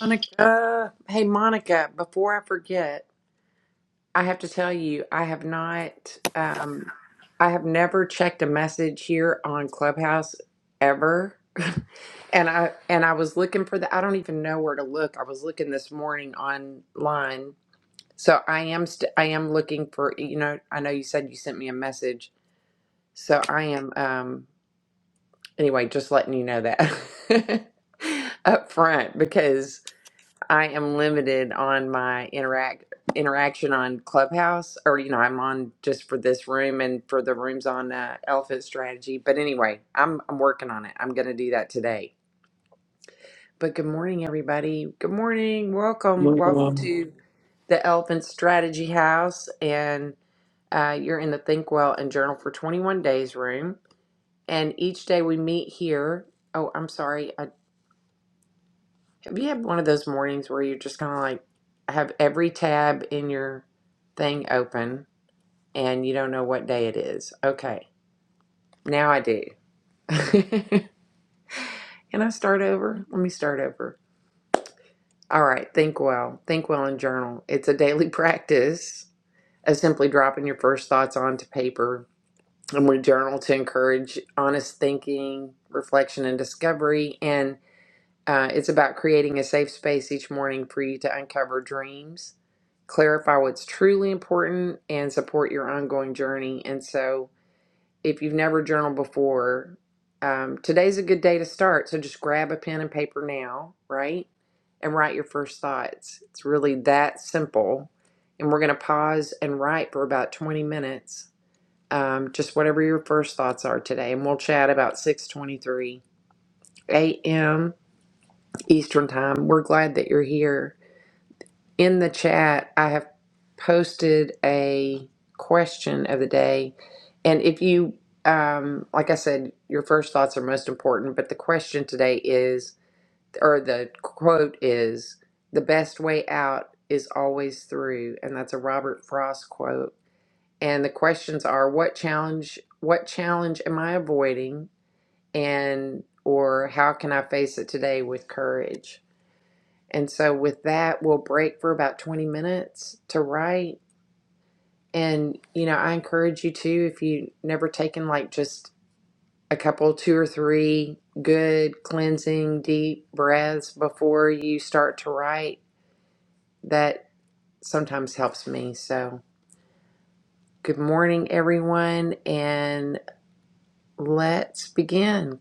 Monica, hey Monica, before I forget, I have to tell you, I have not, um, I have never checked a message here on Clubhouse ever. And I and I was looking for the I don't even know where to look. I was looking this morning online. So I am st I am looking for, you know, I know you said you sent me a message. So I am um anyway, just letting you know that up front because I am limited on my interact interaction on Clubhouse, or you know, I'm on just for this room and for the rooms on uh, Elephant Strategy. But anyway, I'm I'm working on it. I'm gonna do that today. But good morning, everybody. Good morning. Welcome, welcome Um, to the Elephant Strategy House, and uh, you're in the Think Well and Journal for 21 Days room. And each day we meet here. Oh, I'm sorry. Have you had one of those mornings where you're just kind of like have every tab in your thing open and you don't know what day it is? Okay, now I do. Can I start over? Let me start over. All right, think well. Think well and journal. It's a daily practice of simply dropping your first thoughts onto paper. And we journal to encourage honest thinking, reflection, and discovery. And Uh, it's about creating a safe space each morning for you to uncover dreams, clarify what's truly important, and support your ongoing journey. And so, if you've never journaled before, um, today's a good day to start. So, just grab a pen and paper now, right? And write your first thoughts. It's really that simple. And we're going to pause and write for about 20 minutes, um, just whatever your first thoughts are today. And we'll chat about 6:23 a.m. Eastern Time. We're glad that you're here. In the chat, I have posted a question of the day. And if you, um, like I said, your first thoughts are most important, but the question today is, or the quote is, the best way out is always through. And that's a Robert Frost quote. And the questions are what challenge what challenge am I avoiding and or how can I face it today with courage? And so with that, we'll break for about 20 minutes to write. And, you know, I encourage you to, if you have never taken like just a couple, two or three good cleansing, deep breaths before you start to write, that sometimes helps me. So good morning, everyone. And let's begin.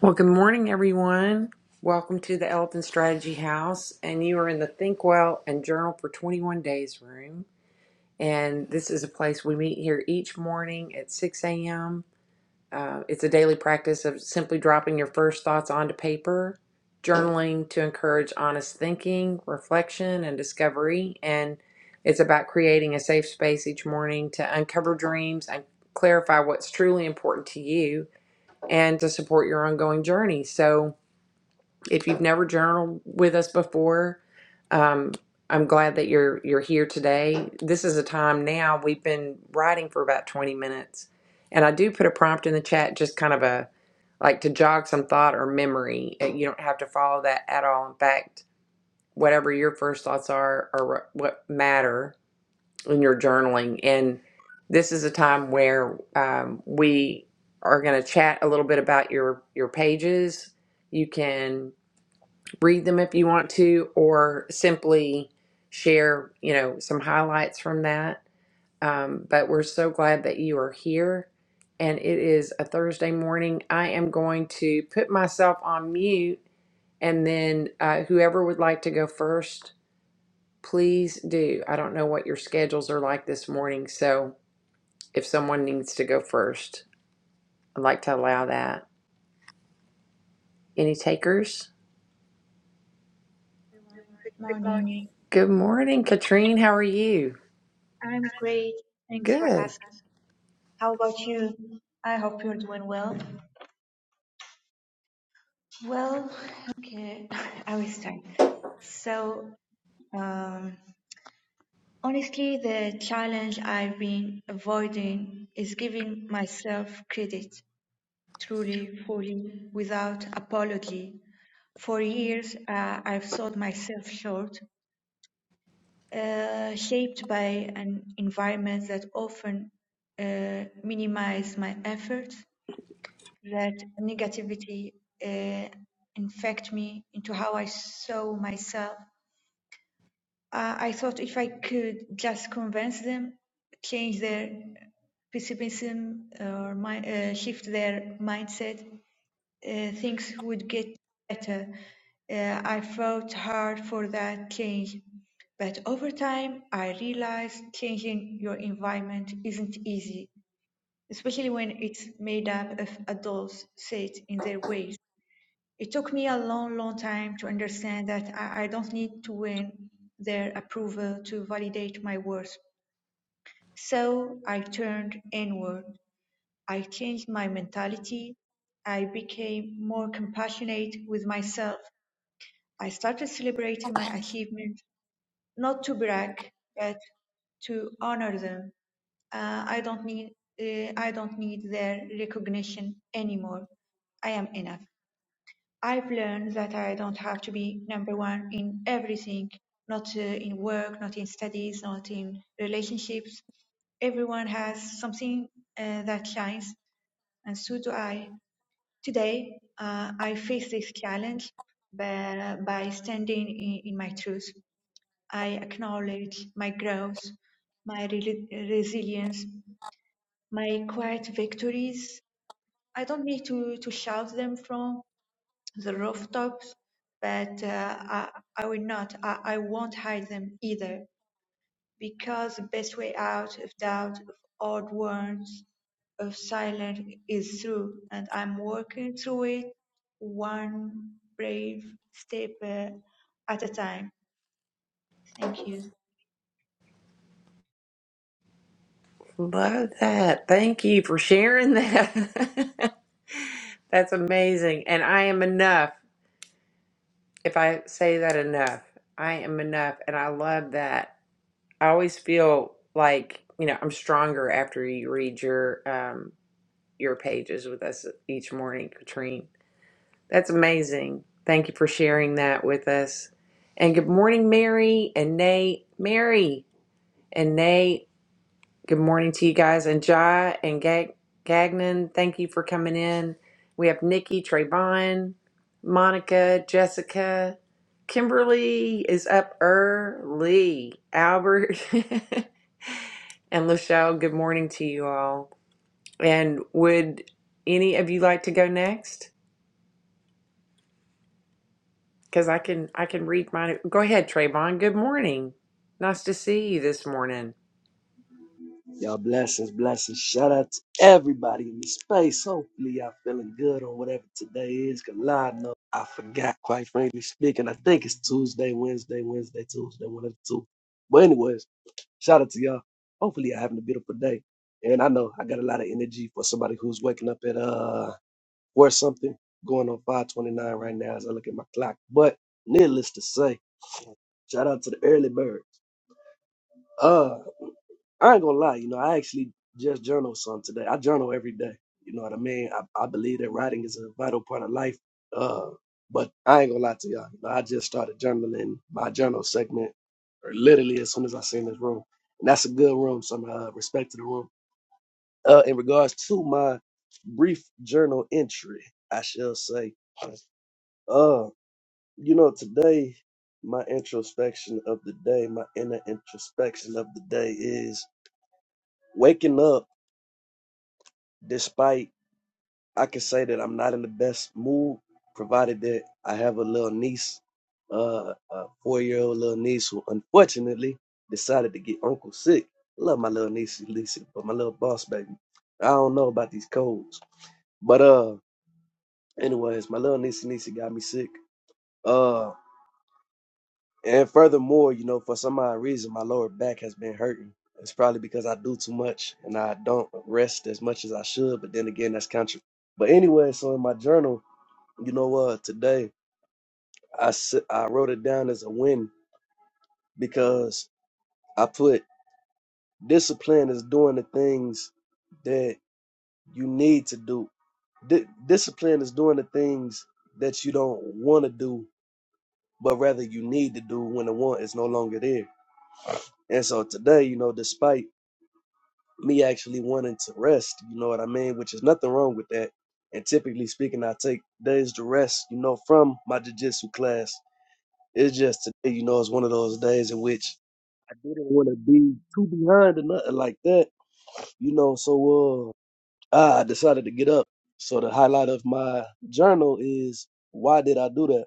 Well, good morning, everyone. Welcome to the Elephant Strategy House. And you are in the Think Well and Journal for 21 Days room. And this is a place we meet here each morning at 6 a.m. Uh, it's a daily practice of simply dropping your first thoughts onto paper, journaling to encourage honest thinking, reflection, and discovery. And it's about creating a safe space each morning to uncover dreams and clarify what's truly important to you and to support your ongoing journey. So, if you've never journaled with us before, um, I'm glad that you're you're here today. This is a time now we've been writing for about 20 minutes, and I do put a prompt in the chat, just kind of a like to jog some thought or memory. Uh, You don't have to follow that at all. In fact, whatever your first thoughts are are wh- what matter in your journaling. And this is a time where um, we are going to chat a little bit about your your pages. You can read them if you want to, or simply share, you know, some highlights from that. Um, but we're so glad that you are here. And it is a Thursday morning. I am going to put myself on mute, and then uh, whoever would like to go first, please do. I don't know what your schedules are like this morning, so if someone needs to go first, I'd like to allow that. Any takers? everyone. Good morning. Good morning, Katrine. How are you? I'm great. Thanks for Good. asking. How about you? I hope you're doing well. Well, okay, I will start. So, um, honestly, the challenge I've been avoiding is giving myself credit truly, fully, without apology. For years, uh, I've sold myself short uh, shaped by an environment that often uh, minimize my efforts, that negativity uh, infect me into how I saw myself. Uh, I thought if I could just convince them, change their pessimism or my, uh, shift their mindset, uh, things would get better. Uh, I fought hard for that change, but over time I realized changing your environment isn't easy, especially when it's made up of adults set in their ways. It took me a long, long time to understand that I, I don't need to win their approval to validate my worth. So I turned inward I changed my mentality. I became more compassionate with myself. I started celebrating my achievements, not to brag, but to honor them. Uh, I don't need uh, I don't need their recognition anymore. I am enough. I've learned that I don't have to be number one in everything, not uh, in work, not in studies, not in relationships. Everyone has something uh, that shines, and so do I. Today, uh, I face this challenge by, by standing in, in my truth. I acknowledge my growth, my reli- resilience, my quiet victories. I don't need to, to shout them from the rooftops, but uh, I, I will not, I, I won't hide them either. Because the best way out of doubt, of odd words, of silence is through, and I'm working through it one brave step uh, at a time. Thank you. Love that. Thank you for sharing that. That's amazing. And I am enough. If I say that enough, I am enough. And I love that. I always feel like, you know, I'm stronger after you read your um your pages with us each morning, Katrine. That's amazing. Thank you for sharing that with us. And good morning, Mary and Nate. Mary and Nate. Good morning to you guys. And Jai and Gag- Gagnon, thank you for coming in. We have Nikki, Trayvon, Monica, Jessica. Kimberly is up early. Albert and Lachelle, good morning to you all. And would any of you like to go next? Because I can I can read mine. Go ahead, Trayvon. Good morning. Nice to see you this morning. Y'all blessings, blessings. Shout out to everybody in the space. Hopefully y'all feeling good on whatever today is. Cause I know I forgot, quite frankly speaking. I think it's Tuesday, Wednesday, Wednesday, Tuesday, one of the two. But anyways, shout out to y'all. Hopefully y'all having a beautiful day. And I know I got a lot of energy for somebody who's waking up at uh or something going on 529 right now as I look at my clock. But needless to say, shout out to the early birds. Uh I ain't gonna lie, you know, I actually just journal some today. I journal every day. You know what I mean? I, I believe that writing is a vital part of life. Uh, but I ain't gonna lie to y'all. You know, I just started journaling my journal segment or literally as soon as I seen this room. And that's a good room, so I'm uh, respect to the room. Uh, in regards to my brief journal entry, I shall say, uh, you know, today my introspection of the day, my inner introspection of the day is waking up despite I can say that I'm not in the best mood, provided that I have a little niece, uh, a four year old little niece who unfortunately decided to get uncle sick. Love my little niece Lisa, but my little boss baby. I don't know about these colds. But uh anyways, my little niece Lisa got me sick. Uh and furthermore, you know, for some odd reason my lower back has been hurting. It's probably because I do too much and I don't rest as much as I should, but then again that's contra but anyway, so in my journal You know what? Today I s- I wrote it down as a win because I put discipline is doing the things that you need to do. Di- discipline is doing the things that you don't want to do, but rather you need to do when the want is no longer there. And so today, you know, despite me actually wanting to rest, you know what I mean, which is nothing wrong with that. And typically speaking, I take days to rest, you know, from my jujitsu class. It's just today, you know, it's one of those days in which I didn't want to be too behind or nothing like that, you know. So uh, I decided to get up. So the highlight of my journal is why did I do that?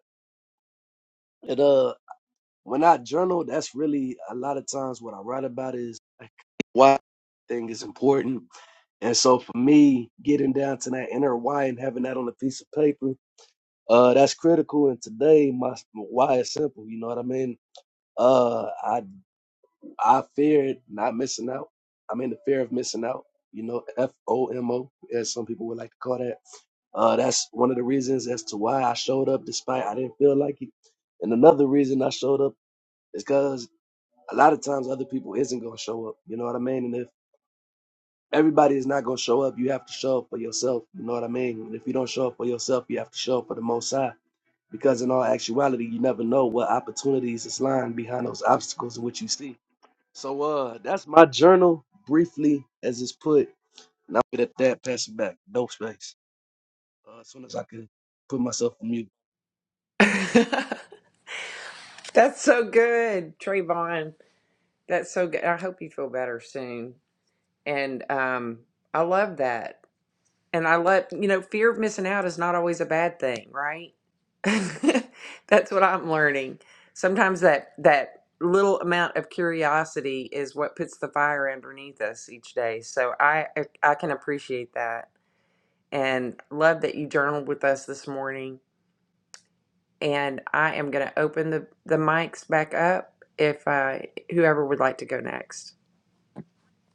And uh, when I journal, that's really a lot of times what I write about is like why thing is important. And so for me, getting down to that inner why and having that on a piece of paper, uh, that's critical. And today, my why is simple. You know what I mean? Uh, I. I feared not missing out. I'm in the fear of missing out. You know, F O M O, as some people would like to call that. Uh, that's one of the reasons as to why I showed up despite I didn't feel like it. And another reason I showed up is because a lot of times other people isn't gonna show up. You know what I mean? And if everybody is not gonna show up, you have to show up for yourself. You know what I mean? And if you don't show up for yourself, you have to show up for the most high. Because in all actuality, you never know what opportunities is lying behind those obstacles in which you see. So uh that's my journal briefly as it's put. And I'll get at that, pass it back. No space. Uh, as soon as I can put myself on mute. That's so good, Trayvon. That's so good. I hope you feel better soon. And um, I love that. And I love, you know, fear of missing out is not always a bad thing, right? That's what I'm learning. Sometimes that that little amount of curiosity is what puts the fire underneath us each day. So I I can appreciate that and love that you journaled with us this morning. And I am going to open the the mics back up if uh, whoever would like to go next.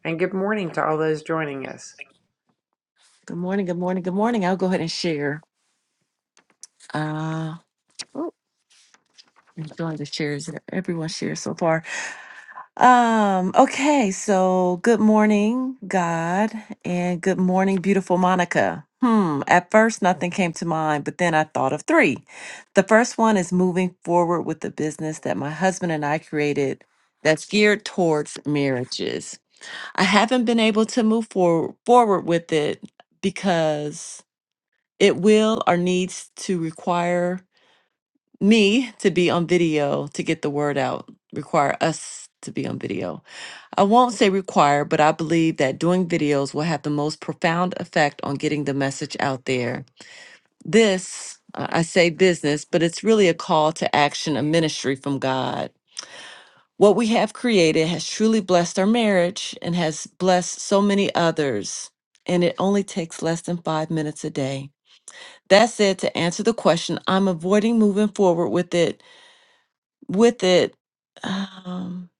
and good morning to all those joining us. Good morning, good morning, good morning. I'll go ahead and share. Uh I'm doing the shares that everyone shares so far. Um, okay, so good morning, God, and good morning, beautiful Monica. Hmm. At first nothing came to mind, but then I thought of three. The first one is moving forward with the business that my husband and I created that's geared towards marriages. I haven't been able to move for- forward with it because it will or needs to require me to be on video to get the word out, require us to be on video. I won't say require, but I believe that doing videos will have the most profound effect on getting the message out there. This, uh, I say business, but it's really a call to action, a ministry from God. What we have created has truly blessed our marriage and has blessed so many others. And it only takes less than five minutes a day. That said, to answer the question, I'm avoiding moving forward with it with it um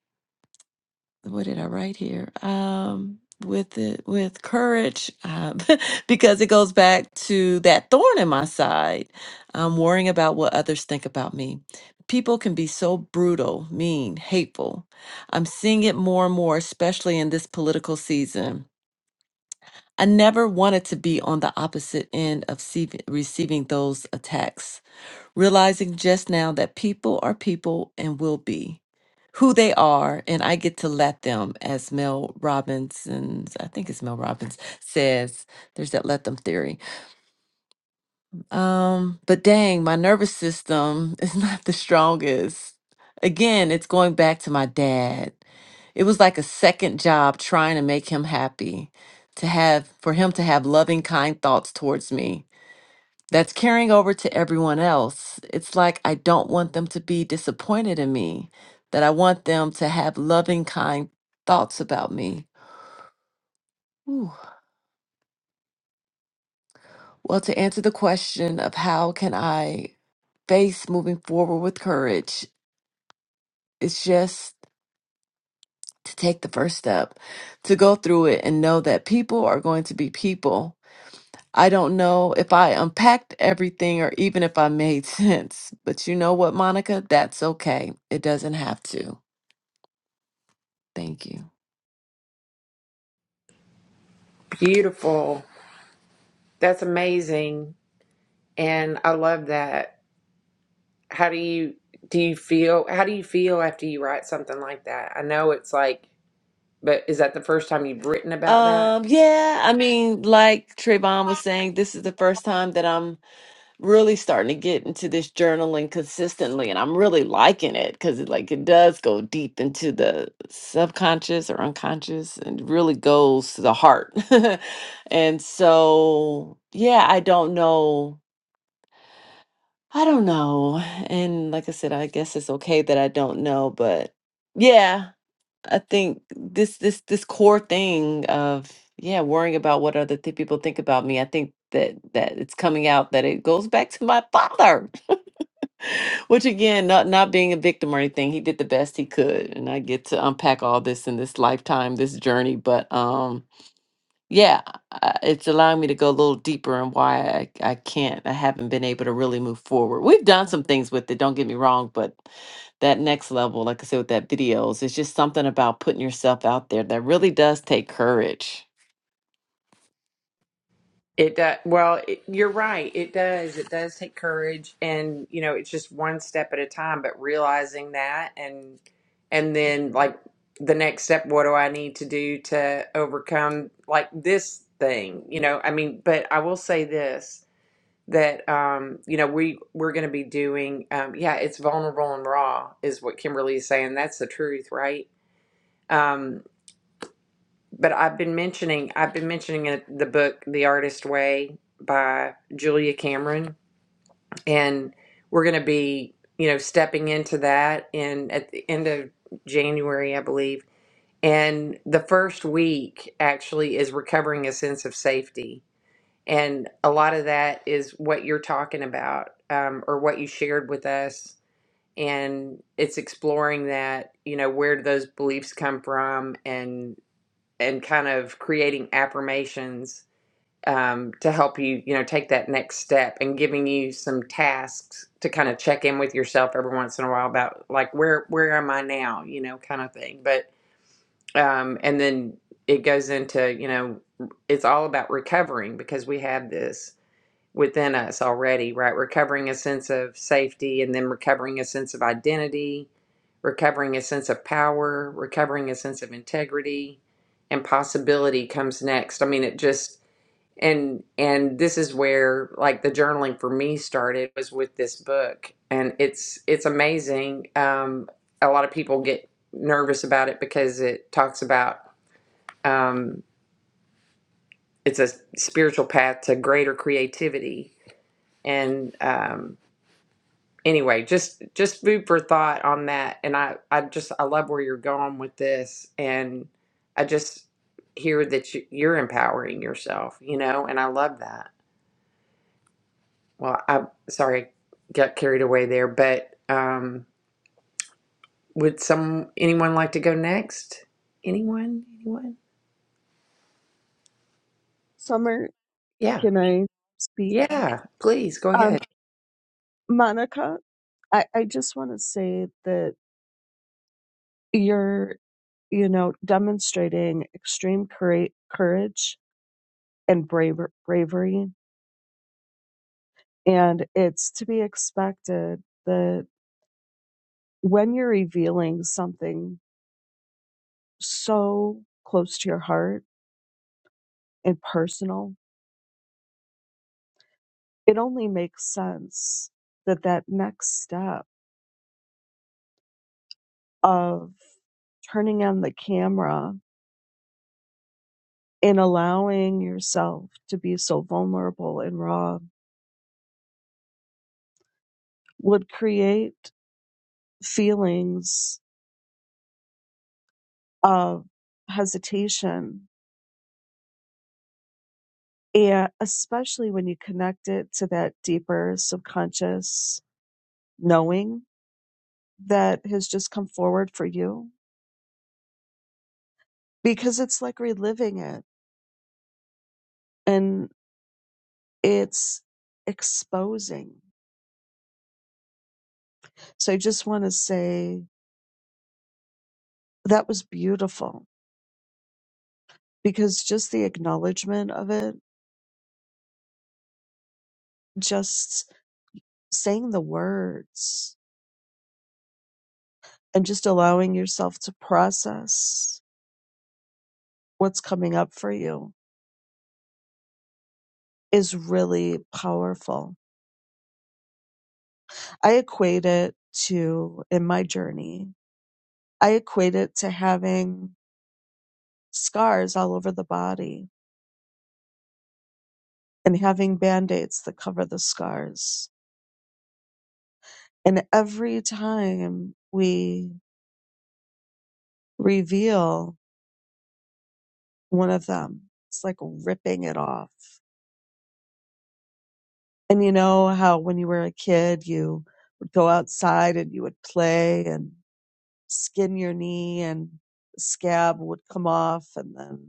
what did i write here um with it with courage uh, because it goes back to that thorn in my side i'm worrying about what others think about me people can be so brutal mean hateful i'm seeing it more and more especially in this political season i never wanted to be on the opposite end of see- receiving those attacks realizing just now that people are people and will be who they are, and I get to let them, as Mel Robinson's, I think it's Mel Robbins says, there's that let them theory. Um, but dang, my nervous system is not the strongest. Again, it's going back to my dad. It was like a second job trying to make him happy, to have for him to have loving, kind thoughts towards me that's carrying over to everyone else. It's like I don't want them to be disappointed in me, that I want them to have loving, kind thoughts about me. Whew. Well, to answer the question of how can I face moving forward with courage, it's just to take the first step, to go through it and know that people are going to be people. I don't know if I unpacked everything or even if I made sense, but you know what, Monica? That's okay. It doesn't have to. Thank you. Beautiful. That's amazing. And I love that. How do you do you feel how do you feel after you write something like that? I know it's like but is that the first time you've written about that? Um, yeah, I mean, like Trayvon was saying, this is the first time that I'm really starting to get into this journaling consistently, and I'm really liking it because it like it does go deep into the subconscious or unconscious and really goes to the heart. And so, yeah, I don't know. I don't know. And like I said, I guess it's okay that I don't know, but yeah. I think this this this core thing of yeah, worrying about what other th- people think about me. I think that that it's coming out that it goes back to my father, which again, not not being a victim or anything, he did the best he could, and I get to unpack all this in this lifetime, this journey. But um, yeah, I- it's allowing me to go a little deeper and why I, I can't, I haven't been able to really move forward. We've done some things with it, don't get me wrong, but that next level, like I said, with that videos, it's just something about putting yourself out there that really does take courage. It does. Well, it, you're right. It does. It does take courage, and you know, it's just one step at a time. But realizing that, and and then like the next step, what do I need to do to overcome like this thing? You know, I mean, but I will say this that um, you know we we're going to be doing. Um, yeah, it's vulnerable and raw is what Kimberly is saying. That's the truth, right? Um, but I've been mentioning I've been mentioning it, the book The Artist Way by Julia Cameron and we're going to be, you know, stepping into that in at the end of January, I believe. And the first week actually is recovering a sense of safety. And a lot of that is what you're talking about um, or what you shared with us. And it's exploring that, you know, where do those beliefs come from and and kind of creating affirmations um, to help you, you know, take that next step and giving you some tasks to kind of check in with yourself every once in a while about like where where am I now, you know, kind of thing. But um, and then it goes into you know it's all about recovering because we have this within us already, right? Recovering a sense of safety and then recovering a sense of identity, recovering a sense of power, recovering a sense of integrity, and possibility comes next. I mean, it just and and this is where like the journaling for me started was with this book and it's it's amazing um a lot of people get nervous about it because it talks about um it's a spiritual path to greater creativity and um anyway, just just food for thought on that. And I I just I love where you're going with this, and I just hear that you, you're empowering yourself, you know, and I love that. Well, I sorry, got carried away there, but um, would some anyone like to go next? Anyone? Anyone? Summer, Yeah, can I speak? yeah. Please go ahead. Um, Monica, I, I just want to say that you're, you know, demonstrating extreme coura- courage and braver- bravery. And it's to be expected that when you're revealing something so close to your heart and personal, it only makes sense that that next step of turning on the camera In allowing yourself to be so vulnerable and raw would create feelings of hesitation and especially when you connect it to that deeper subconscious knowing that has just come forward for you because it's like reliving it and it's exposing so i just want to say that was beautiful because just the acknowledgement of it just saying the words and just allowing yourself to process what's coming up for you is really powerful. I equate it to, in my journey, I equate it to having scars all over the body and having band aids that cover the scars. And every time we reveal one of them, it's like ripping it off And you know how when you were a kid, you would go outside and you would play and skin your knee and the scab would come off and then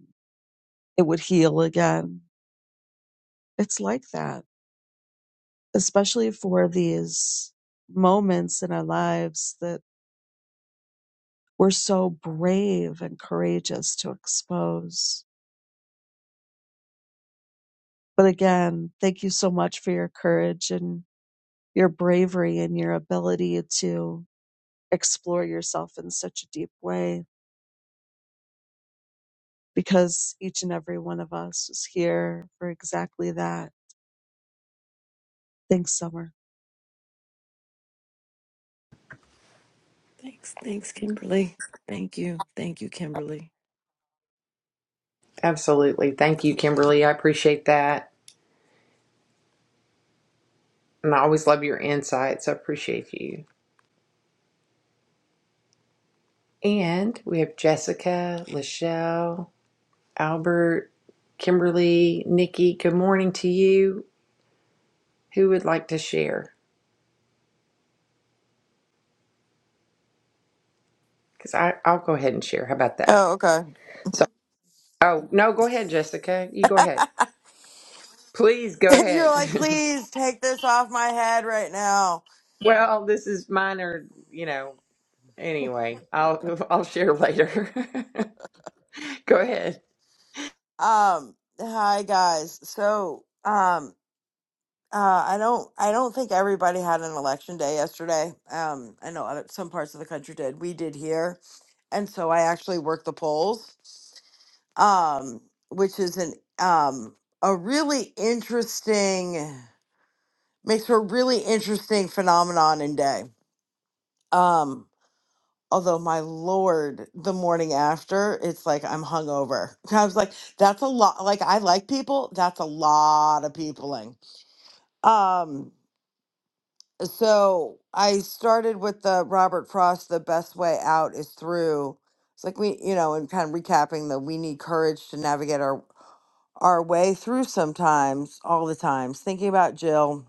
it would heal again. It's like that, especially for these moments in our lives that we're so brave and courageous to expose. But again, thank you so much for your courage and your bravery and your ability to explore yourself in such a deep way because each and every one of us is here for exactly that. Thanks, Summer. Thanks, thanks, Kimberly. Thank you, thank you, Kimberly. Absolutely. Thank you, Kimberly. I appreciate that, and I always love your insights. I appreciate you. And we have Jessica, Lachelle, Albert, Kimberly, Nikki. Good morning to you. Who would like to share? Because I'll go ahead and share. How about that? Oh, okay. So, oh, no, go ahead, Jessica. You go ahead. Please go You're ahead. like, please take this off my head right now. well, this is minor, you know. Anyway, I'll I'll share later. go ahead. Um, hi guys. So, um, uh, I don't, I don't think everybody had an election day yesterday. Um, I know other, some parts of the country did. We did here, and so I actually worked the polls. Um, which is an um a really interesting makes for a really interesting phenomenon and day. Um, Although my lord, the morning after, it's like I'm hungover. I was like, that's a lot. Like I like people. That's a lot of peopling. Um, so I started with the Robert Frost. The best way out is through. It's like we, you know, and kind of recapping that we need courage to navigate our our way through sometimes, all the times. Thinking about Jill,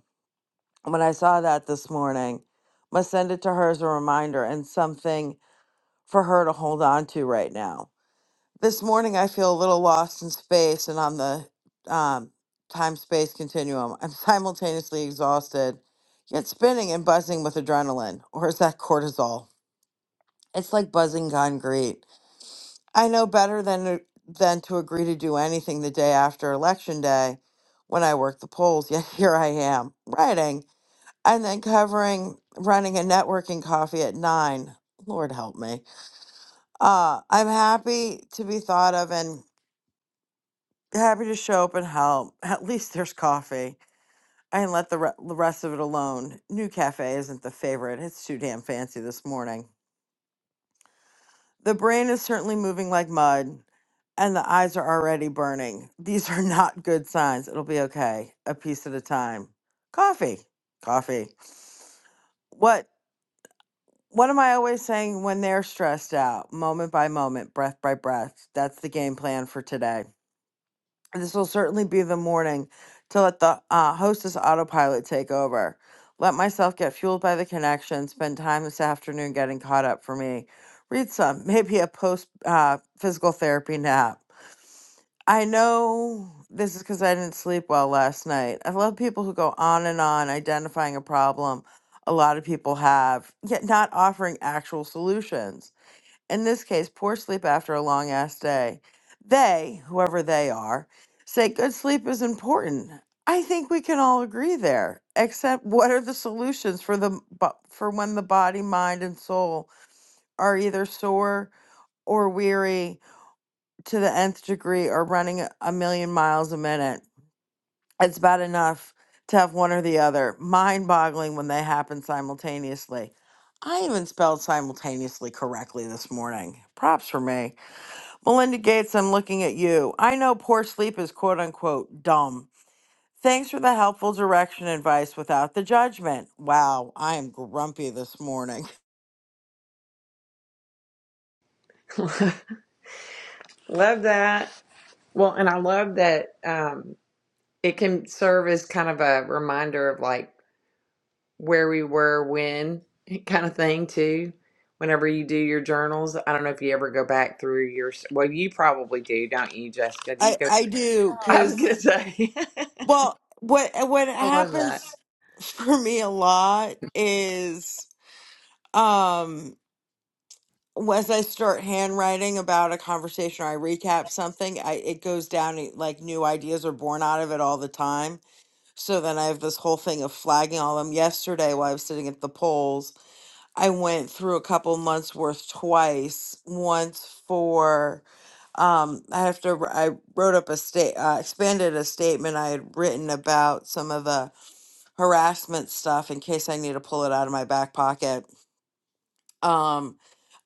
when I saw that this morning, must send it to her as a reminder and something for her to hold on to right now. This morning, I feel a little lost in space and on the um, time space continuum. I'm simultaneously exhausted, yet spinning and buzzing with adrenaline. Or is that cortisol? It's like buzzing concrete. I know better than, to- than to agree to do anything the day after Election Day when I work the polls, yet here I am, writing and then covering running a networking coffee at nine. Lord help me. Uh, I'm happy to be thought of and happy to show up and help. At least there's coffee. I can let the, re- the rest of it alone. New Cafe isn't the favorite. It's too damn fancy this morning. The brain is certainly moving like mud, and the eyes are already burning. These are not good signs. It'll be okay, a piece at a time. Coffee, coffee. What what am I always saying when they're stressed out? Moment by moment, breath by breath. That's the game plan for today. This will certainly be the morning to let the uh, hostess autopilot take over. Let myself get fueled by the connection, spend time this afternoon getting caught up for me. Read some, maybe a post uh, physical therapy nap. I know this is because I didn't sleep well last night. I love people who go on and on identifying a problem a lot of people have, yet not offering actual solutions in this case, poor sleep after a long ass day. They, whoever they are, say good sleep is important. I think we can all agree there. Except, what are the solutions for the bo- for when the body, mind, and soul are either sore or weary to the nth degree, or running a a million miles a minute? It's bad enough to have one or the other. Mind-boggling when they happen simultaneously. I even spelled simultaneously correctly this morning. Props for me. Melinda Gates, I'm looking at you. I know poor sleep is quote unquote dumb. Thanks for the helpful direction advice without the judgment. Wow, I am grumpy this morning. love that. Well, and I love that um, it can serve as kind of a reminder of like where we were when kind of thing too whenever you do your journals i don't know if you ever go back through your well you probably do don't you jessica do you I, go I through do, i was gonna because, say well, what, what i love that happens for me a lot is um, as I start handwriting about a conversation or I recap something, I, it goes down like new ideas are born out of it all the time So then I have this whole thing of flagging all of them. Yesterday, while I was sitting at the polls, I went through a couple months worth twice. Once for, um, I have to. wr- I wrote up a state, uh, expanded a statement I had written about some of the harassment stuff in case I need to pull it out of my back pocket. Um,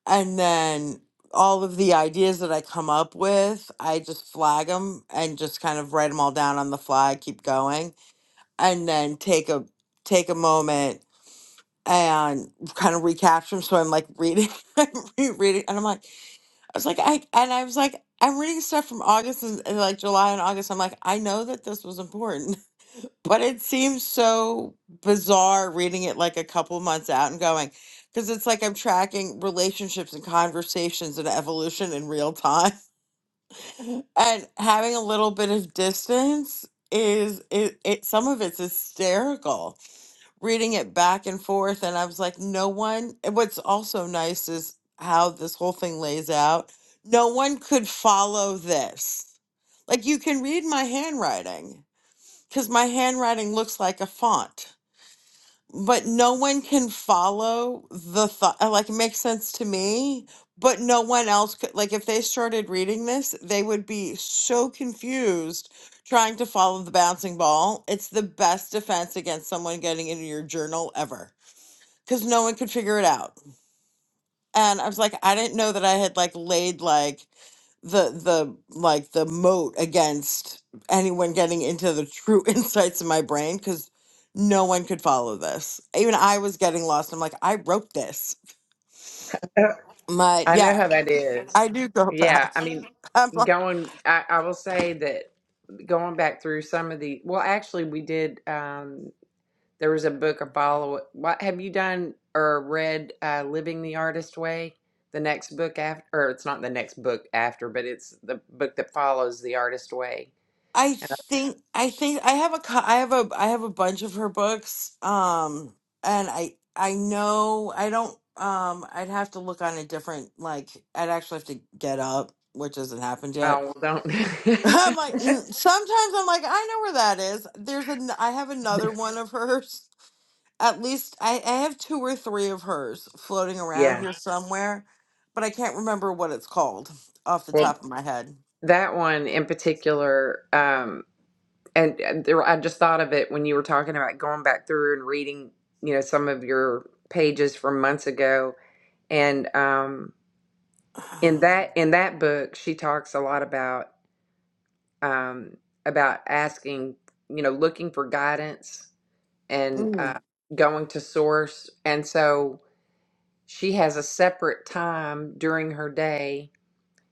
and then all of the ideas that I come up with, I just flag them and just kind of write them all down on the fly, keep going and then take a take a moment and kind of recapture them. So I'm like reading, I'm rereading, and I'm like, I was like, I and I was like, I'm reading stuff from August and, and like July and August. I'm like, I know that this was important, but it seems so bizarre reading it like a couple months out and going. Because it's like I'm tracking relationships and conversations and evolution in real time, and having a little bit of distance is it, it some of it's hysterical reading it back and forth and I was like, no one and what's also nice is how this whole thing lays out. No one could follow this. Like you can read my handwriting because my handwriting looks like a font, but no one can follow the thought. Like it makes sense to me, but no one else could. Like if they started reading this, they would be so confused trying to follow the bouncing ball. It's the best defense against someone getting into your journal ever because no one could figure it out. And I was like, I didn't know that I had like laid like the the like the moat against anyone getting into the true insights of my brain because no one could follow this. Even I was getting lost. I'm like, I wrote this. My i know yeah, how that is I do go yeah back. i mean I'm going i, I will say that going back through some of the well actually we did Um, There was a book I follow. What have you done or read? Uh, Living the Artist Way. The next book after, or it's not the next book after, but it's the book that follows the Artist Way. I think I think I have a cou- I have a I have a bunch of her books. Um and I I know I don't um I'd have to look on a different like I'd actually have to get up, which hasn't happened yet. Oh, well, I'm don't. like mm, sometimes I'm like I know where that is. There's an I have another one of hers. At least I I have two or three of hers floating around yeah. here somewhere, but I can't remember what it's called off the top Well, of my head. that one in particular, um, and and there, I just thought of it when you were talking about going back through and reading, you know, some of your pages from months ago, and um, in that in that book, she talks a lot about. um, about asking, you know, looking for guidance and Mm, uh, going to source. And so she has a separate time during her day.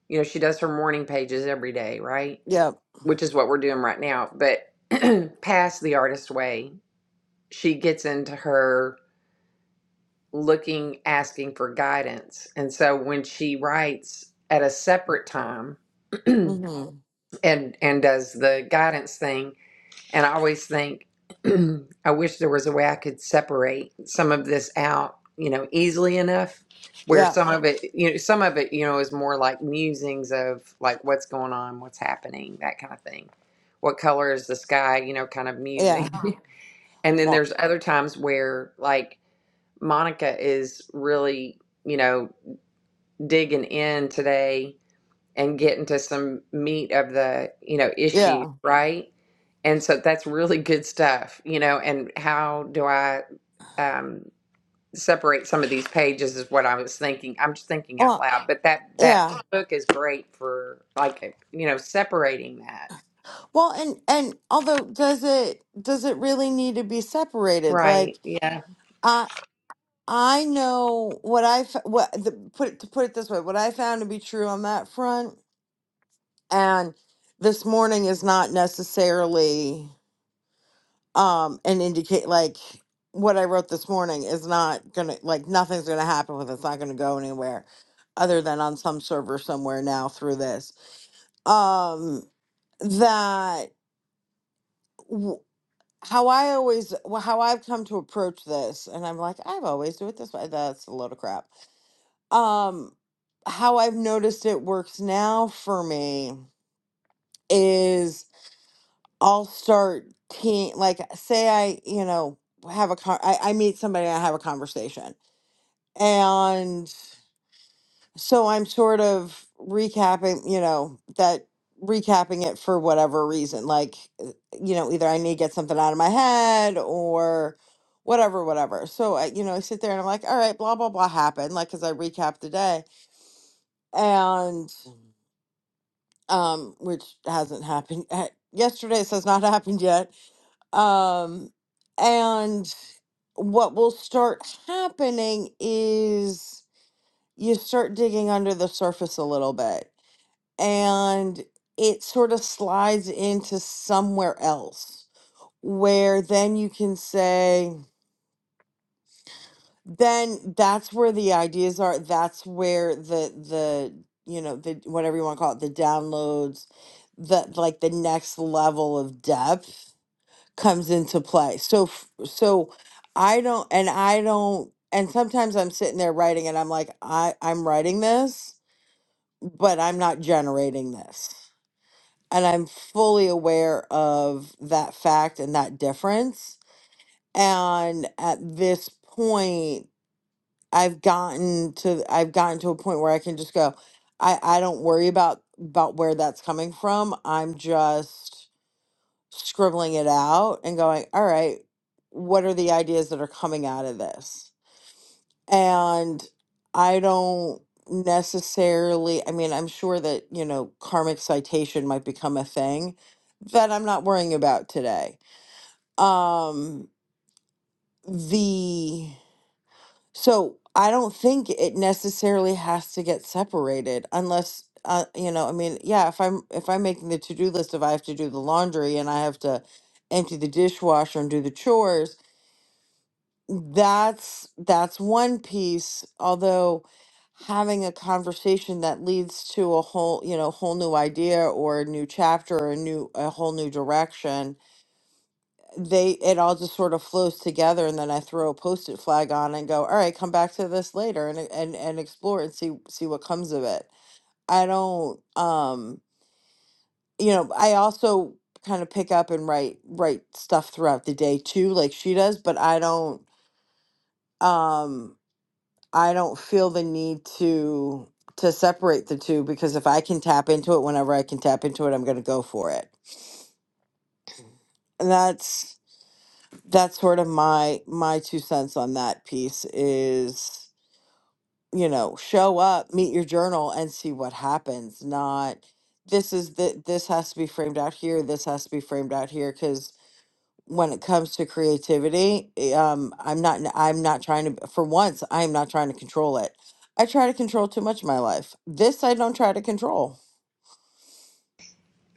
You know, she does her morning pages every day, right? yeah. Which is what we're doing right now. But past the artist way, she gets into her looking, asking for guidance. And so when she writes at a separate time and Mhm. and does the guidance thing, And I always think, I wish there was a way I could separate some of this out, you know, easily enough where Yeah. some of it, you know, some of it, you know, is more like musings of like what's going on, what's happening, that kind of thing. What color is the sky, you know, kind of Yeah. musing. and then Well, there's other times where like Monica is really, you know, digging in today and get into some meat of the you know issue yeah. right and so that's really good stuff you know and how do i um separate some of these pages is what i was thinking i'm just thinking out Well, loud but that that yeah. book is great for like you know separating that Well, and and although does it does it really need to be separated? Like right yeah I I know what I f- what the, put it to put it this way, what I found to be true on that front and this morning is not necessarily um an indicate like what I wrote this morning is not going to like nothing's going to happen with it. It's not going to go anywhere other than on some server somewhere now through this. Um that w- how I always well, how I've come to approach this, and I'm like, I've always do it this way. That's a load of crap. Um, how I've noticed it works now for me is I'll start te like say I you know have a con- I, I meet somebody and I have a conversation and. So I'm sort of recapping, you know, that recapping it for whatever reason. Like, uh, you know, either I need to get something out of my head or whatever, whatever. So I, you know, I sit there and I'm like, all right, blah, blah, blah happened. Like, cause I recapped the day and, um, which hasn't happened yet. yesterday, so it's not happened yet. Um, and what will start happening is you start digging under the surface a little bit and it sort of slides into somewhere else where then you can say then that's where the ideas are that's where the the you know the whatever you want to call it the downloads the like the next level of depth comes into play so f- so i don't and i don't and sometimes i'm sitting there writing and i'm like i i'm writing this but i'm not generating this and I'm fully aware of that fact and that difference. And at this point, I've gotten to I've gotten to a point where I can just go, I, I don't worry about about where that's coming from. I'm just scribbling it out and going, all right, what are the ideas that are coming out of this? And I don't necessarily, I mean, I'm sure that, you know, karmic citation might become a thing that I'm not worrying about today. Um, the, so I don't think it necessarily has to get separated unless, uh, you know, I mean, yeah, if I'm, if I'm making the to-do list, if I have to do the laundry and I have to empty the dishwasher and do the chores, That's that's one piece, although having a conversation that leads to a whole, you know, whole new idea or a new chapter or a new a whole new direction, they it all just sort of flows together and then I throw a post-it flag on and go, "All right, come back to this later and and and explore and see see what comes of it." I don't um, you know, I also kind of pick up and write write stuff throughout the day too, like she does, but I don't um I don't feel the need to to separate the two because if I can tap into it whenever I can tap into it, I'm going to go for it. And that's that's sort of my my two cents on that piece is, you know, show up, meet your journal and see what happens, not this is the this has to be framed out here, this has to be framed out here because. when it comes to creativity eh, um i'm not i'm not trying to for once i am not trying to control it i try to control too much of my life this i don't try to control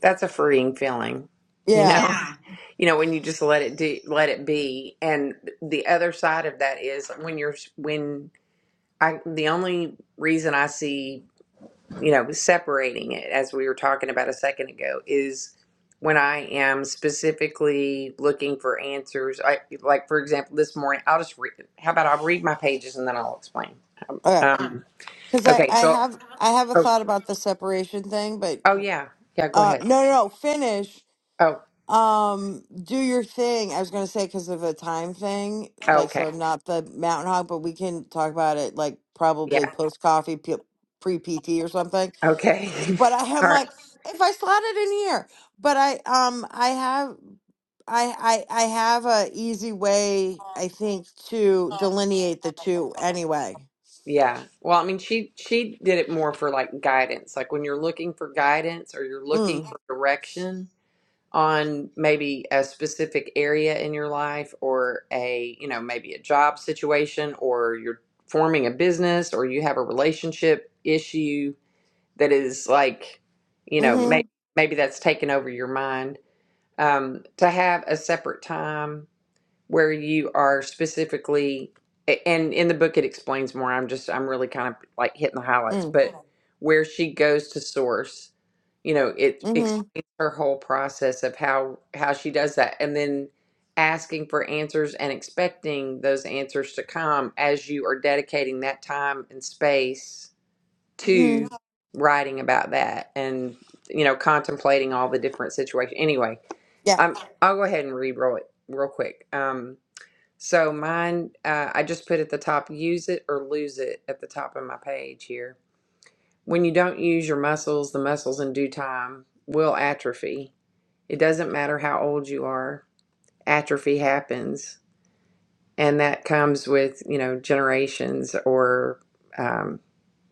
that's a freeing feeling you know yeah Yeah. you know when you just let it do let it be and the other side of that is when you're when i the only reason i see you know, separating it as we were talking about a second ago is when I am specifically looking for answers. I like, for example, this morning I'll just read. How about I'll read my pages and then I'll explain. okay. Um, because i okay, i so have i have a oh thought about the separation thing but oh yeah yeah go uh ahead. no no, no finish Oh um do your thing i was gonna say because of a time thing like so okay i'm not the mountain hog but we can talk about it like probably yeah post coffee pre pt or something okay but I am all right like, if I slot it in here, but I um I have I I I have a easy way I think to delineate the two anyway. yeah. Well, I mean, she she did it more for like guidance. Like when you're looking for guidance or you're looking Mm. for direction on maybe a specific area in your life or a, you know, maybe a job situation or you're forming a business or you have a relationship issue that is like, you know, Mm. maybe maybe that's taken over your mind. Um, to have a separate time where you are specifically and in the book it explains more i'm just i'm really kind of like hitting the highlights Mhm. Mm. but Yeah. where she goes to source you know it Mhm. explains her whole process of how how she does that and then asking for answers and expecting those answers to come as you are dedicating that time and space Mm. to Yeah. Mhm. writing about that and you know contemplating all the different situations anyway Yeah. i'm i'll go ahead and re-roll it real quick um so mine, uh, I just put at the top, use it or lose it at the top of my page here. When you don't use your muscles, the muscles in due time will atrophy. It doesn't matter how old you are, atrophy happens. And that comes with, you know, generations or um,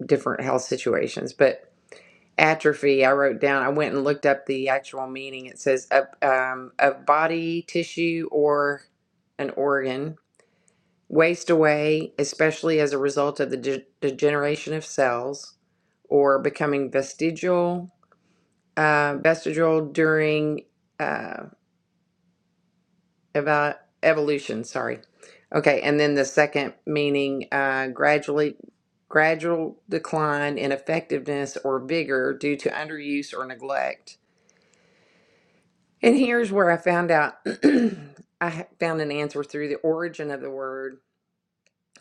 different health situations. But atrophy, I wrote down, I went and looked up the actual meaning. It says of, um, of body tissue or an organ waste away, especially as a result of the de- degeneration of cells or becoming vestigial, uh, vestigial during uh, eva- evolution. Sorry. Okay, and then the second meaning uh, gradually gradual decline in effectiveness or vigor due to underuse or neglect. And here's where I found out I ha- found an answer through the origin of the word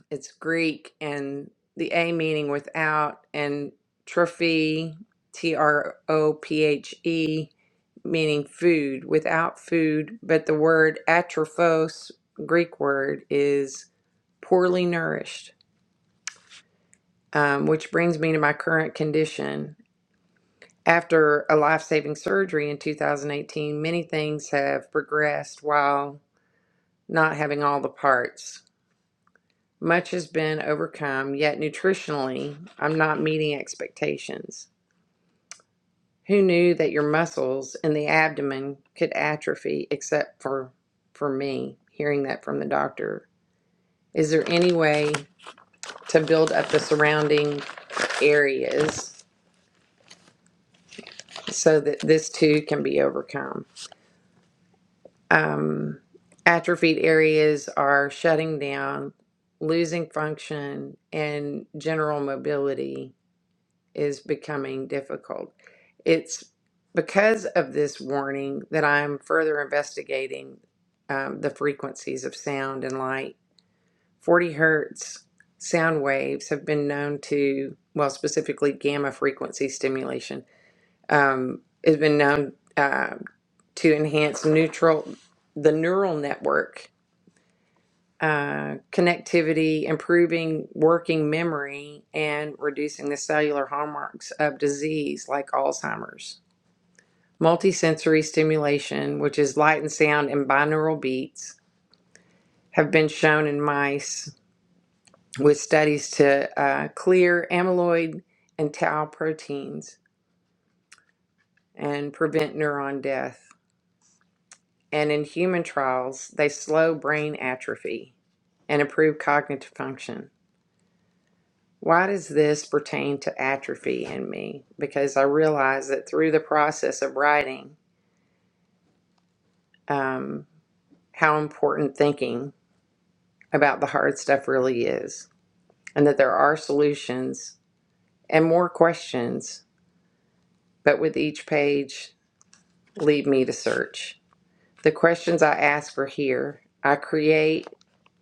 it's Greek and the A meaning without and trophy, T R O P H E, meaning food, without food. But the word atrophos, Greek word, is poorly nourished, um, which brings me to my current condition. After a life saving surgery in 2018, many things have progressed while not having all the parts. Much has been overcome, yet nutritionally, I'm not meeting expectations. Who knew that your muscles in the abdomen could atrophy except for for me hearing that from the doctor. Is there any way to build up the surrounding areas so that this too can be overcome? Um, atrophied areas are shutting down, losing function, and general mobility is becoming difficult. It's because of this warning that I'm further investigating um, the frequencies of sound and light. 40 hertz sound waves have been known to, well, specifically gamma frequency stimulation, um, has been known uh, to enhance neutral the neural network uh, connectivity, improving working memory, and reducing the cellular hallmarks of disease like Alzheimer's. Multisensory stimulation, which is light and sound and binaural beats, have been shown in mice with studies to uh, clear amyloid and tau proteins and prevent neuron death. And in human trials, they slow brain atrophy and improve cognitive function. Why does this pertain to atrophy in me? Because I realize that through the process of writing, um, how important thinking about the hard stuff really is, and that there are solutions and more questions, but with each page, lead me to search. The questions I ask are here. I create,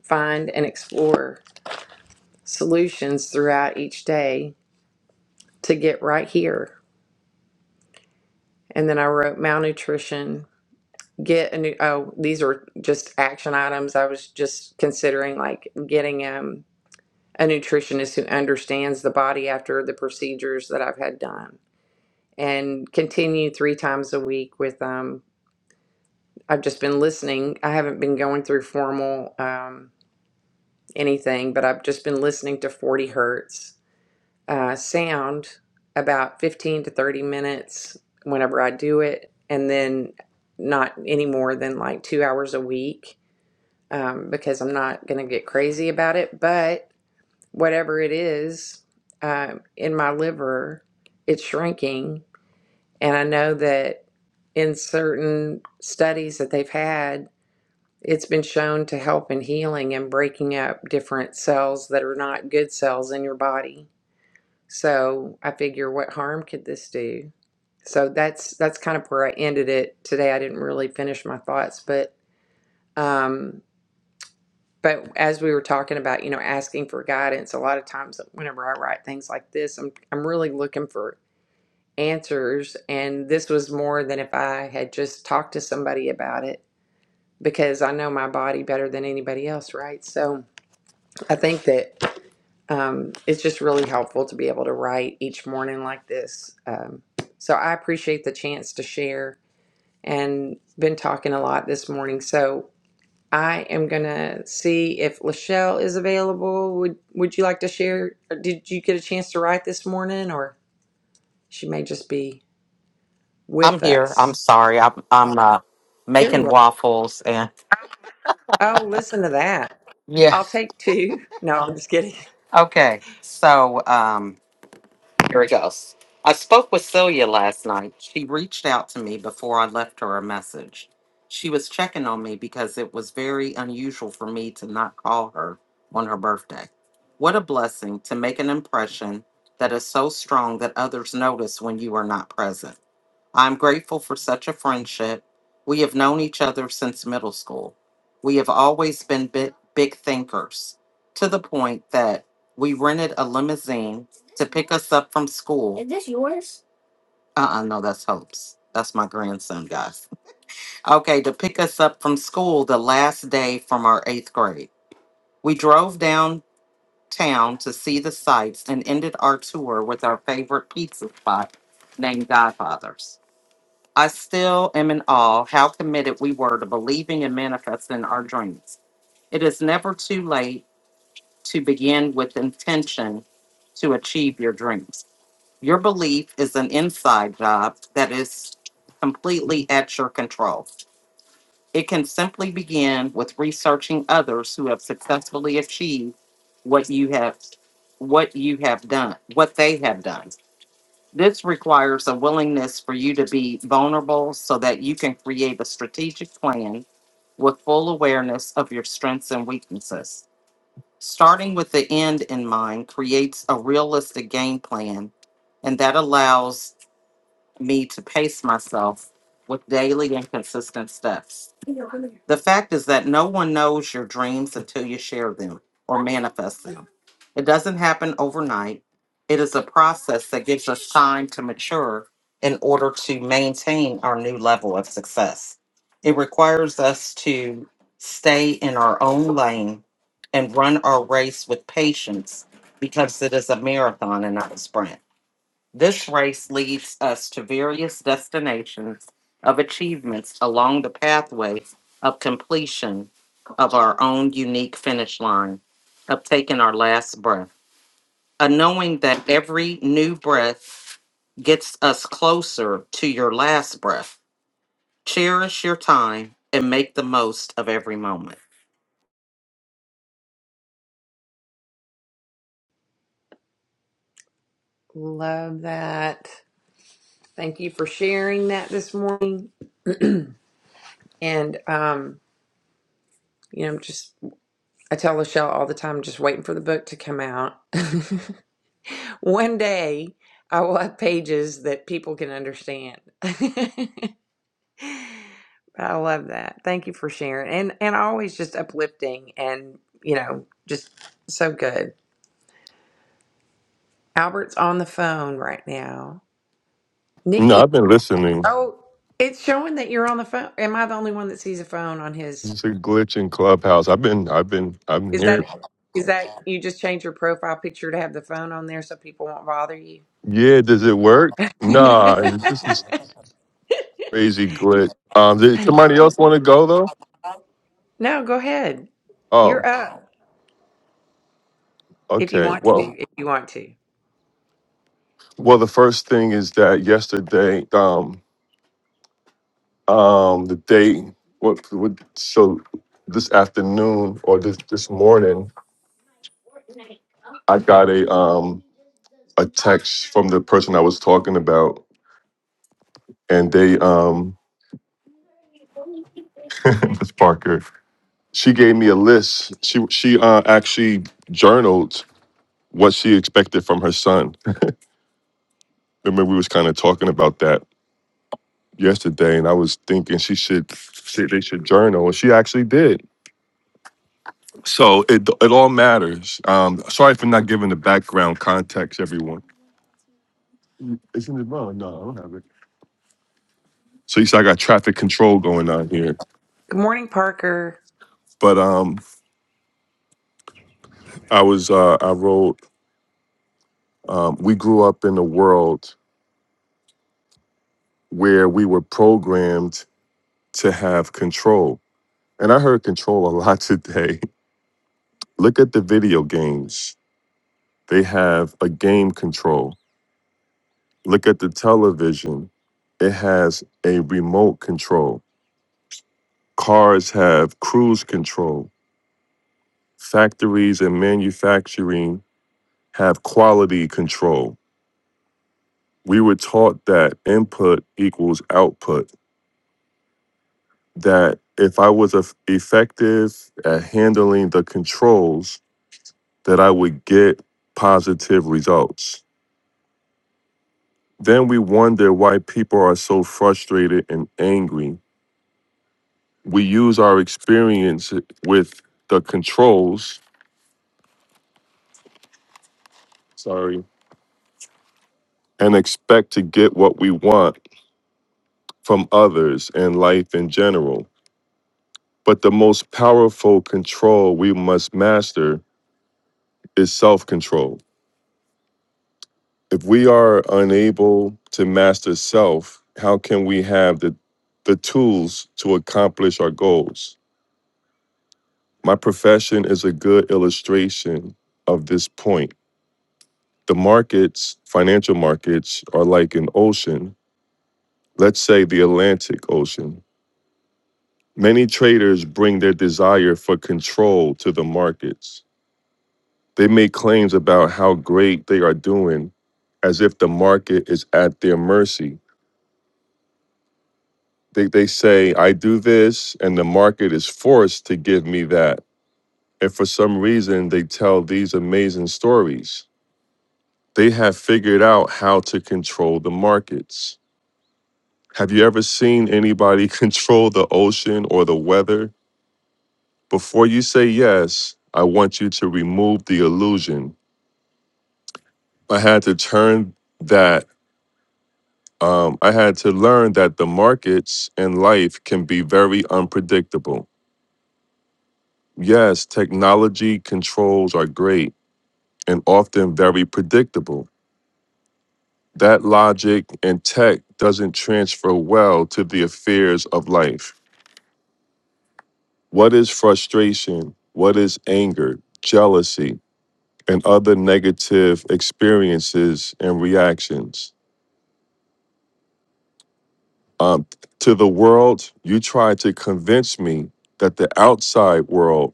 find, and explore solutions throughout each day to get right here. And then I wrote malnutrition get a new, oh, these are just action items. I was just considering like getting um, a nutritionist who understands the body after the procedures that I've had done and continue three times a week with, um, I've just been listening. I haven't been going through formal um, anything, but I've just been listening to 40 hertz uh, sound about 15 to 30 minutes whenever I do it. And then not any more than like two hours a week um, because I'm not going to get crazy about it. But whatever it is um, in my liver, it's shrinking. And I know that in certain studies that they've had, it's been shown to help in healing and breaking up different cells that are not good cells in your body. So I figure, what harm could this do? So that's that's kind of where I ended it today. I didn't really finish my thoughts, but um, but as we were talking about, you know, asking for guidance, a lot of times whenever I write things like this, I'm I'm really looking for answers and this was more than if I had just talked to somebody about it because I know my body better than anybody else, right? So I think that um, it's just really helpful to be able to write each morning like this. Um, so I appreciate the chance to share and been talking a lot this morning. So I am gonna see if Lachelle is available. Would Would you like to share? or Did you get a chance to write this morning, or she may just be I'm with here. I'm us? sorry. I'm I'm uh, There you making are. waffles and Oh, listen to that. yeah. I'll take two. No, I'm just kidding. Okay. So um, here it goes. I spoke with Celia last night. She reached out to me before I left her a message. She was checking on me because it was very unusual for me to not call her on her birthday. What a blessing to make an impression that is so strong that others notice when you are not present. I'm grateful for such a friendship. We have known each other since middle school. We have always been big, big thinkers to the point that we rented a limousine to pick us up from school. Is this yours? Uh uh no, that's Hope's. That's my grandson, guys. Okay, to pick us up from school the last day from our eighth grade. We drove downtown to see the sights and ended our tour with our favorite pizza spot named Godfather's. I still am in awe how committed we were to believing and manifesting our dreams. It is never too late to begin with intention to achieve your dreams. Your belief is an inside job that is completely at your control. It can simply begin with researching others who have successfully achieved what you have what you have done, what they have done. This requires a willingness for you to be vulnerable so that you can create a strategic plan with full awareness of your strengths and weaknesses. Starting with the end in mind creates a realistic game plan, and that allows me to pace myself with daily and consistent steps. The fact is that no one knows your dreams until you share them or manifest them. It doesn't happen overnight. It is a process that gives us time to mature in order to maintain our new level of success. It requires us to stay in our own lane and run our race with patience because it is a marathon and not a sprint. This race leads us to various destinations of achievements along the pathway of completion of our own unique finish line, of taking our last breath, a knowing that every new breath gets us closer to your last breath. Cherish your time and make the most of every moment. Love that. Thank you for sharing that this morning. And um, you know, just I tell Lachelle all the time, just waiting for the book to come out. One day, I will have pages that people can understand. I love that. Thank you for sharing. And and always just uplifting and, you know, just so good. Albert's on the phone right now. No, Nikki. I've been listening. Oh, it's showing that you're on the phone. Am I the only one that sees a phone on his It's a glitch in Clubhouse. I've been, I've been, I'm Is that here. is that you just change your profile picture to have the phone on there so people won't bother you? Yeah, does it work? Nah, this is crazy glitch. Um, did somebody else want to go though? no, go ahead. You're Oh, up if you okay. want to, Well, if you want to. well, the first thing is that yesterday, um, um, the day, what, what, so this afternoon or this this morning, I got a um a text from the person I was talking about, and they um, this Parker. she gave me a list. She she uh, actually journaled what she expected from her son. Remember, we was kind of talking about that yesterday, and I was thinking she should she, they should journal, and she actually did. So it it all matters. Um, sorry for not giving the background context, everyone. Isn't it wrong? No, I don't have it. So you said I got traffic control going on here, Good morning, Parker. but um, I was uh, I wrote. Um, we grew up in a world where we were programmed to have control And I heard control a lot today. Look at the video games. They have a game control. Look at the television. It has a remote control. Cars have cruise control. Factories and manufacturing have quality control. We were taught that input equals output, that if I was eff- effective at handling the controls, that I would get positive results Then we wonder why people are so frustrated and angry. We use our experience with the controls, sorry, and expect to get what we want from others and life in general. But the most powerful control we must master is self control. If we are unable to master self, how can we have the, the tools to accomplish our goals? My profession is a good illustration of this point. The markets, financial markets, are like an ocean, let's say the Atlantic Ocean. Many traders bring their desire for control to the markets. They make claims about how great they are doing as if the market is at their mercy. They, they say, I do this, and the market is forced to give me that. And for some reason, they tell these amazing stories. They have figured out how to control the markets. Have you ever seen anybody control the ocean or the weather? Before you say yes, I want you to remove the illusion. I had to turn that, um, I had to learn that the markets and life can be very unpredictable. Yes, technology controls are great and often very predictable. That logic and tech doesn't transfer well to the affairs of life. What is frustration? What is anger, jealousy, and other negative experiences and reactions? Um, to the world, you try to convince me that the outside world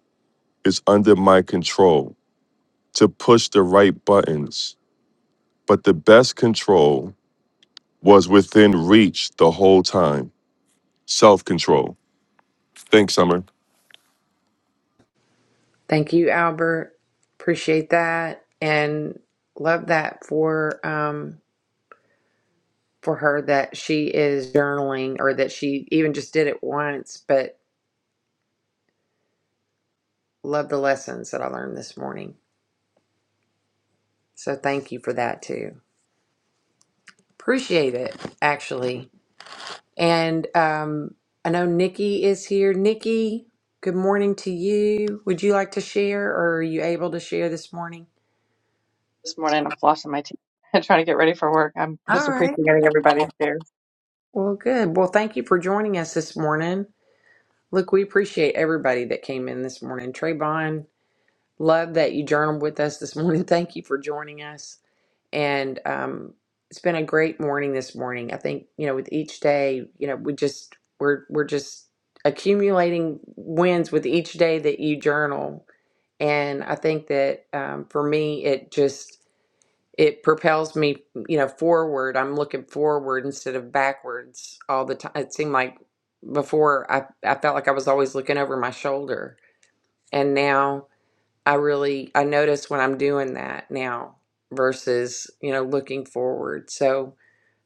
is under my control to push the right buttons. But the best control was within reach the whole time self control. Thanks, Summer. Thank you, Albert. Appreciate that and love that for um for her that she is journaling or that she even just did it once, but love the lessons that I learned this morning. So thank you for that too. Appreciate it actually. And um I know Nikki is here. Nikki, good morning to you. Would you like to share or are you able to share this morning? this morning. I'm flossing my teeth and trying to get ready for work. I'm All just right. appreciating everybody here. Well, good. Well, thank you for joining us this morning. Look, we appreciate everybody that came in this morning. Trayvon, love that you journaled with us this morning. Thank you for joining us. And um, it's been a great morning this morning. I think you know, with each day, you know, we just we're we're just accumulating wins with each day that you journal. And I think that um, for me, it just it propels me you know forward i'm looking forward instead of backwards all the time it seemed like before i i felt like i was always looking over my shoulder and now i really i notice when i'm doing that now versus you know looking forward so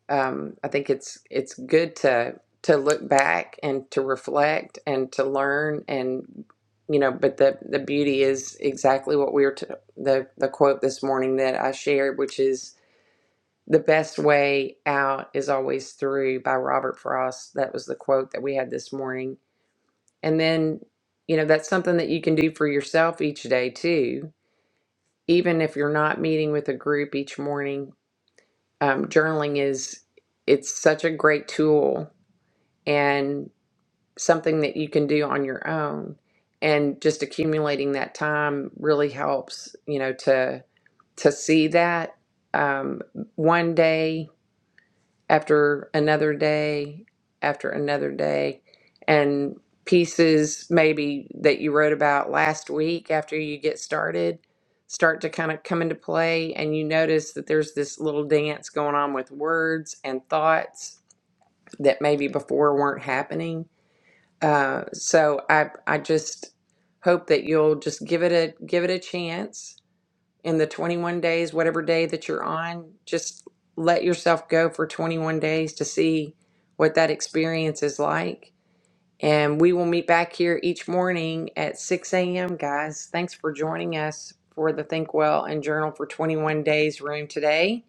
um i think it's it's good to to look back and to reflect and to learn and you know but the the beauty is exactly what we were t- the the quote this morning that i shared which is the best way out is always through by Robert Frost. That was the quote that we had this morning. And then, you know, that's something that you can do for yourself each day too. Even if you're not meeting with a group each morning, um, journaling is it's such a great tool and something that you can do on your own. And just accumulating that time really helps, you know, to to see that um, one day after another day after another day and pieces maybe that you wrote about last week after you get started start to kind of come into play and you notice that there's this little dance going on with words and thoughts that maybe before weren't happening uh, so i i just hope that you'll just give it a give it a chance in the 21 days, whatever day that you're on, just let yourself go for 21 days to see what that experience is like. And we will meet back here each morning at 6 a.m., guys. Thanks for joining us for the Think Well and Journal for 21 Days room today.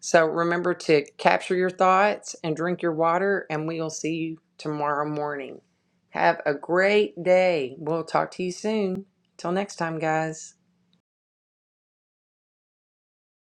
So remember to capture your thoughts and drink your water, and we will see you tomorrow morning. Have a great day. We'll talk to you soon. Till next time, guys.